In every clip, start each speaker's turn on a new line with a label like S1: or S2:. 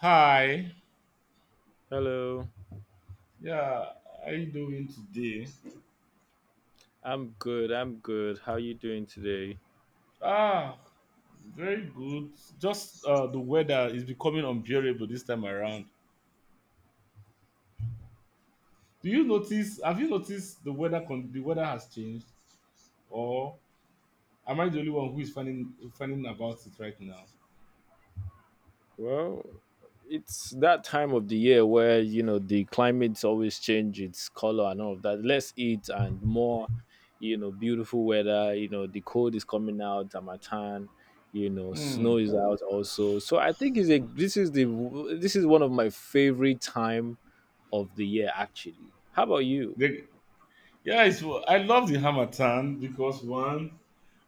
S1: Hi.
S2: Hello.
S1: Yeah, how you doing today?
S2: I'm good. I'm good. How you doing today?
S1: Ah, very good. Just the weather is becoming unbearable this time around. Do you notice? Have you noticed the weather? The weather has changed, or am I the only one who is finding about it right now?
S2: Well, it's that time of the year where, you know, the climates always change its color and all of that. Less heat and more, you know, beautiful weather, you know, the cold is coming out, Amatan, you know,
S1: Hmm.
S2: snow is out also. So I think it's a this is the this is one of my favorite time of the year actually. How about you?
S1: The, yeah, I love the Hamatan because one,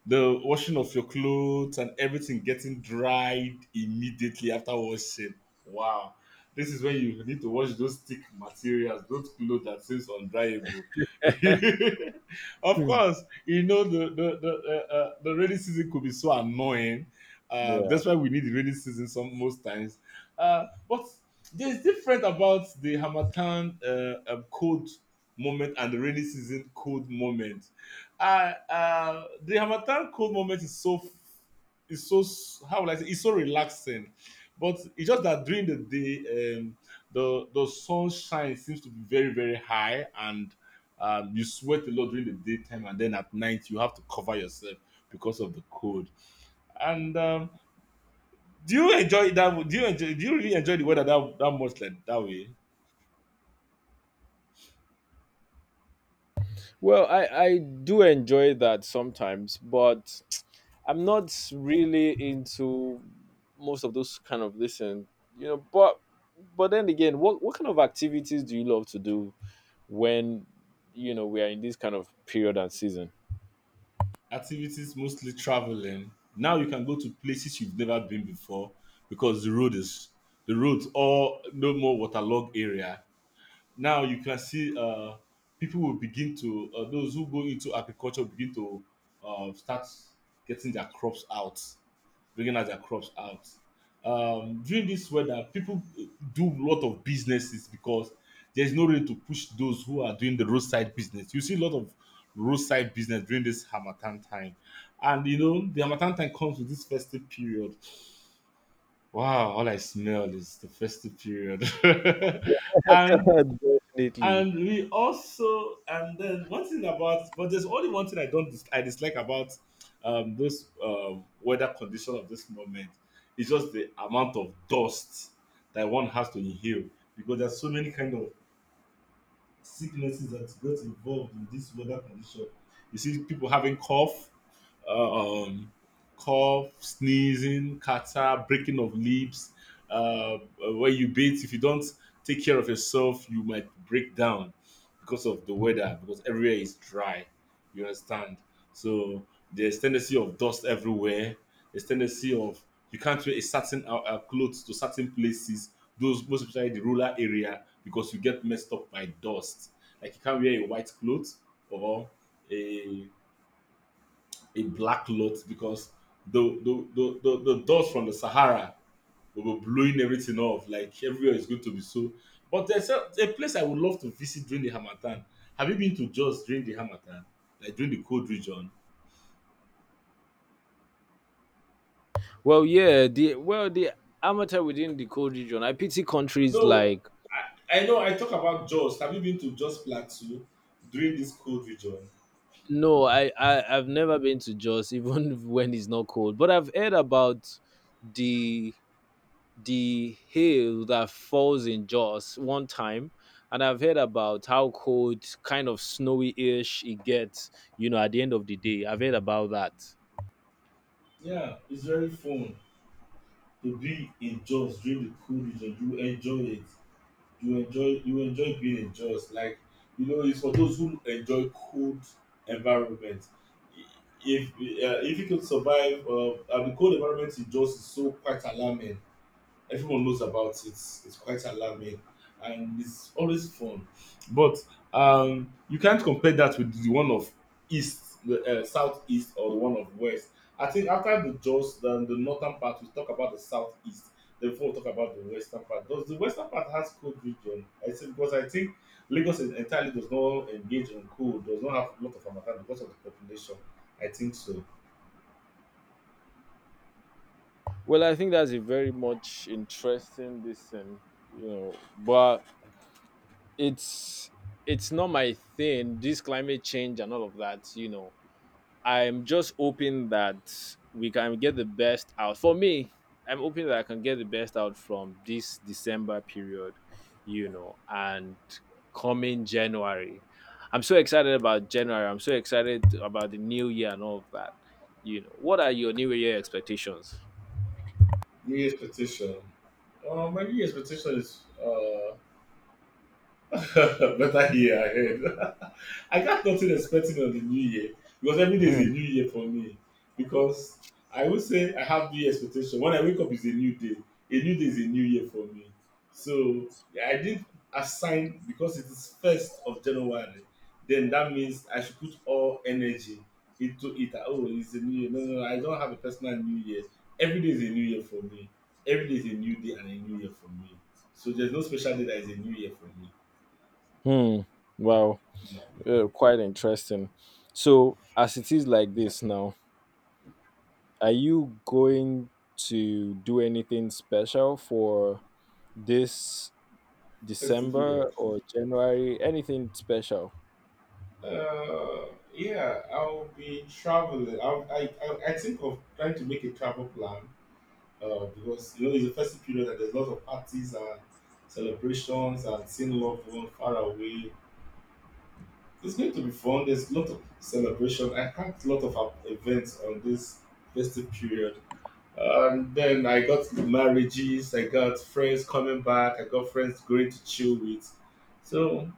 S1: the washing of your clothes and everything getting dried immediately after washing. Wow. This is when you need to wash those thick materials, those clothes that seems undryable. Of
S2: Hmm.
S1: course, you know the rainy season could be so annoying.
S2: Yeah.
S1: That's why we need the rainy season some most times. But there's different about the Hamatan cold moment and the rainy season cold moment. I The Hamatan cold moment is so, how will I say, it's so relaxing, but it's just that during the day, the sunshine seems to be very very high, and you sweat a lot during the daytime, and then at night you have to cover yourself because of the cold. And do you enjoy that? Do you enjoy? Do you really enjoy the weather that much like that way?
S2: Well, I do enjoy that sometimes, but I'm not really into most of those kind of listen, you know, but then again, what kind of activities do you love to do when you know we are in this kind of period and season?
S1: Activities mostly traveling, now you can go to places you've never been before because the road is, the roads all no more waterlogged area. Now you can see, people will begin to, those who go into agriculture begin to start getting their crops out, bringing out their crops out. During this weather people do a lot of businesses, because there's no way to push those who are doing the roadside business. You see a lot of roadside business during this harmattan time, and you know the harmattan time comes with this festive period. Wow, all I smell is the festive period. and
S2: Definitely.
S1: and We also, and then one thing about, but there's only one thing I don't, I dislike about, this weather condition of this moment. It's just the amount of dust that one has to inhale, because there's so many kind of sicknesses that get involved in this weather condition. You see people having cough, uh, um, cough, sneezing, catarrh, breaking of lips. Uh, when you bathe, if you don't take care of yourself, you might break down because of the weather, because everywhere is dry. You understand? So there's tendency of dust everywhere. There's tendency of, you can't wear a certain clothes to certain places. Those, most especially the rural area, because you get messed up by dust. Like you can't wear a white cloth, or a a black lot, because the dust from the Sahara will be blowing everything off. Like everywhere is going to be so. But there's a place I would love to visit during the Hamatan. Have you been to Jos during the Hamatan? Like during the cold region?
S2: Well, yeah, the well the amateur within the cold region. I pity countries
S1: No,
S2: like
S1: I know I talk about Jos. Have you been to Jos Plateau during this cold region?
S2: no, I I've never been to Jos even when it's not cold, but I've heard about the the hail that falls in Jaws one time, and I've heard about how cold, kind of snowy-ish it gets, you know, at the end of the day. I've heard about that.
S1: Yeah, it's very fun to be in Jos during the cold region. You enjoy it. You enjoy being in Jaws, like, you know it's for those who enjoy cold environment. If if you could survive, and the cold environment in Jaws is so quite alarming, everyone knows about it. It's quite alarming, and it's always fun. But you can't compare that with the one of east, the southeast, or the one of west. I think after the Jaws, then the northern part, we talk about the southeast, then before we talk about the western part. Does the western part has cold region? I say, because I think Lagos is entirely does not engage in cold, does not have a lot of Hamatan because of the population. I think so.
S2: Well, I think that's a very much interesting listen, you know, but it's it's not my thing. This climate change and all of that, you know. I'm just hoping that we can get the best out. For me, I'm hoping that I can get the best out from this December period, you know, and coming January. I'm so excited about January. I'm so excited about the new year and all of that. You know, what are your new year expectations?
S1: New expectation. My new expectation is better year ahead. I got nothing expecting on the new year, because every day is a
S2: Hmm.
S1: new year for me. Because I would say I have new expectation. When I wake up, is a new day. A new day is a new year for me. So yeah, I did assign because it is 1st of January. Then that means I should put all energy into it. Oh, it's a new year. No, no, no. I don't have a personal new year. Every day is a new year for me. Every day is a new day and a new year for me. So there's no special day that is a new year for me.
S2: Hmm. Wow. Quite interesting. So, as it is like this now, are you going to do anything special for this
S1: Festive
S2: December
S1: period.
S2: or January? Anything special?
S1: Uh, yeah, I'll be traveling. I'll, I think of trying to make a travel plan. Because you know it's a festive period, and there's lots of parties and celebrations and seeing loved one far away. It's going to be fun. There's a lot of celebration. I had a lot of events on this festive period. And then I got marriages. I got friends coming back. I got friends going to chill with. So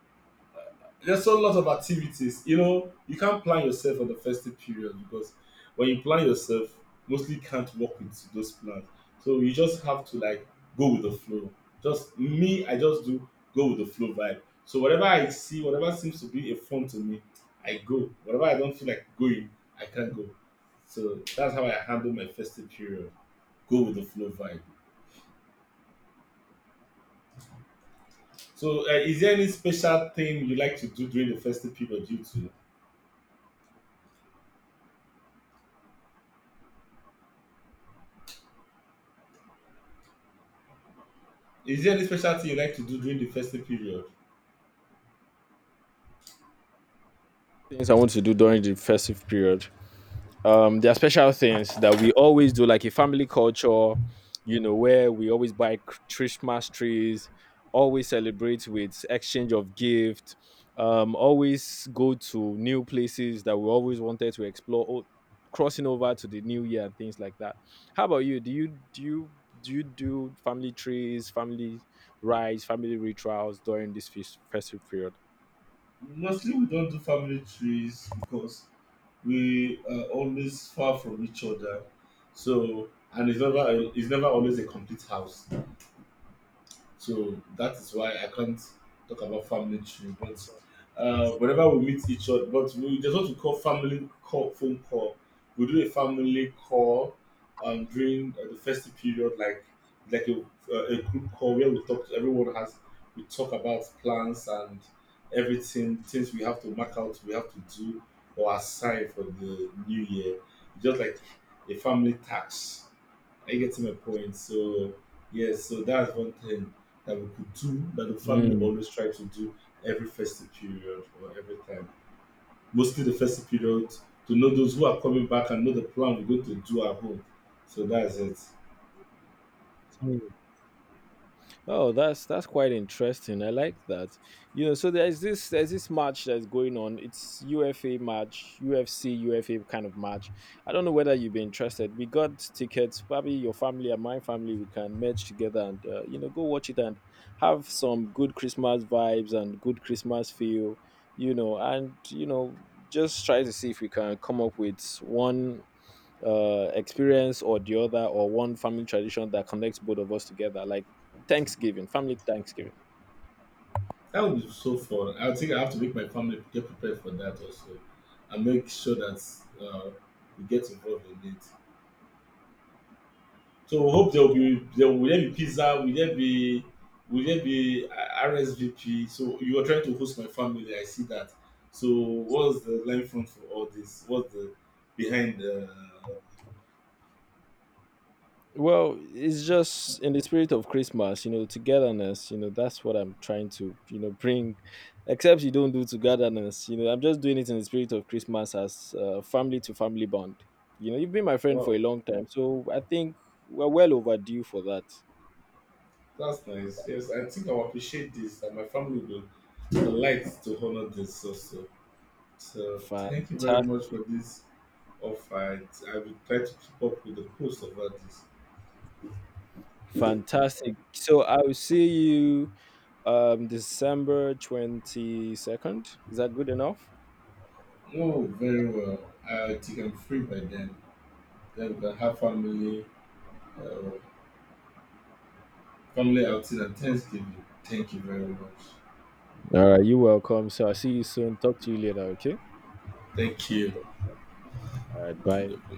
S1: there's so lot of activities. You know, you can't plan yourself on the festive period, because when you plan yourself, mostly can't work with those plans. So you just have to, like, go with the flow. Just me, I just do go with the flow vibe. So whatever I see, whatever seems to be a fun to me, I go. Whatever I don't feel like going, I can't go. So that's how I handle my festive period. Go with the flow vibe. So, is there any special thing you like to do during the festive period? You too. Is there any special thing you like to do during the festive period?
S2: Things I want to do during the festive period. Um, there are special things that we always do, like a family culture, you know, where we always buy Christmas trees, always celebrate with exchange of gift, um, always go to new places that we always wanted to explore, crossing over to the new year and things like that. How about you? Do you do you do family trees, family rites, family rituals during this festive period?
S1: Mostly, we don't do family trees, because we are always far from each other. So, and it's never always a complete house. So that is why I can't talk about family tree. But whenever we meet each other, but we just want to call family call phone call. We do a family call, during the festive period, like like a, a group call where we talk. Everyone has We talk about plans and everything, things we have to mark out, we have to do or assign for the new year. Just like a family tax, are you getting my point? So yes, so that's one thing that we could do, that the family
S2: Mm.
S1: always try to do every festive period or every time. Mostly the festive period, to know those who are coming back and know the plan we're going to do at home. So that's it.
S2: Oh, that's quite interesting. I like that. You know, so there's this match that's going on. It's UFA match, UFC UFA kind of match. I don't know whether you'd be interested. We got tickets. Probably your family and my family, we can merge together and you know, go watch it and have some good Christmas vibes and good Christmas feel. You know, and you know, just try to see if we can come up with one experience or the other, or one family tradition that connects both of us together, like Thanksgiving, family Thanksgiving.
S1: That would be so fun. I think I have to make my family get prepared for that also, and make sure that uh, we get involved in it. So we hope there be pizza, will there be RSVP? So you are trying to host my family, I see that. So what's the line front for all this? What's the behind the,
S2: Well, it's just in the spirit of Christmas, you know, togetherness, you know, that's what I'm trying to, you know, bring. Except you don't do togetherness, you know, I'm just doing it in the spirit of Christmas as family to family bond. You know, you've been my friend
S1: wow,
S2: for a long time, so I think we're well overdue for that.
S1: that's nice. Yes, I think I will appreciate this, and my family will delight to honor this also. So thank you very much
S2: Fantastic.
S1: for this offer. I will try to keep up with the post about this.
S2: Fantastic. So I will see you December 22nd. Is that good enough?
S1: Oh, very well. I think I'm free by then. Then we can have family uh, family outing and Thanksgiving. Thank you very much.
S2: All right, you're welcome. So I'll see you soon. Talk to you later, okay?
S1: Thank you.
S2: All right, bye.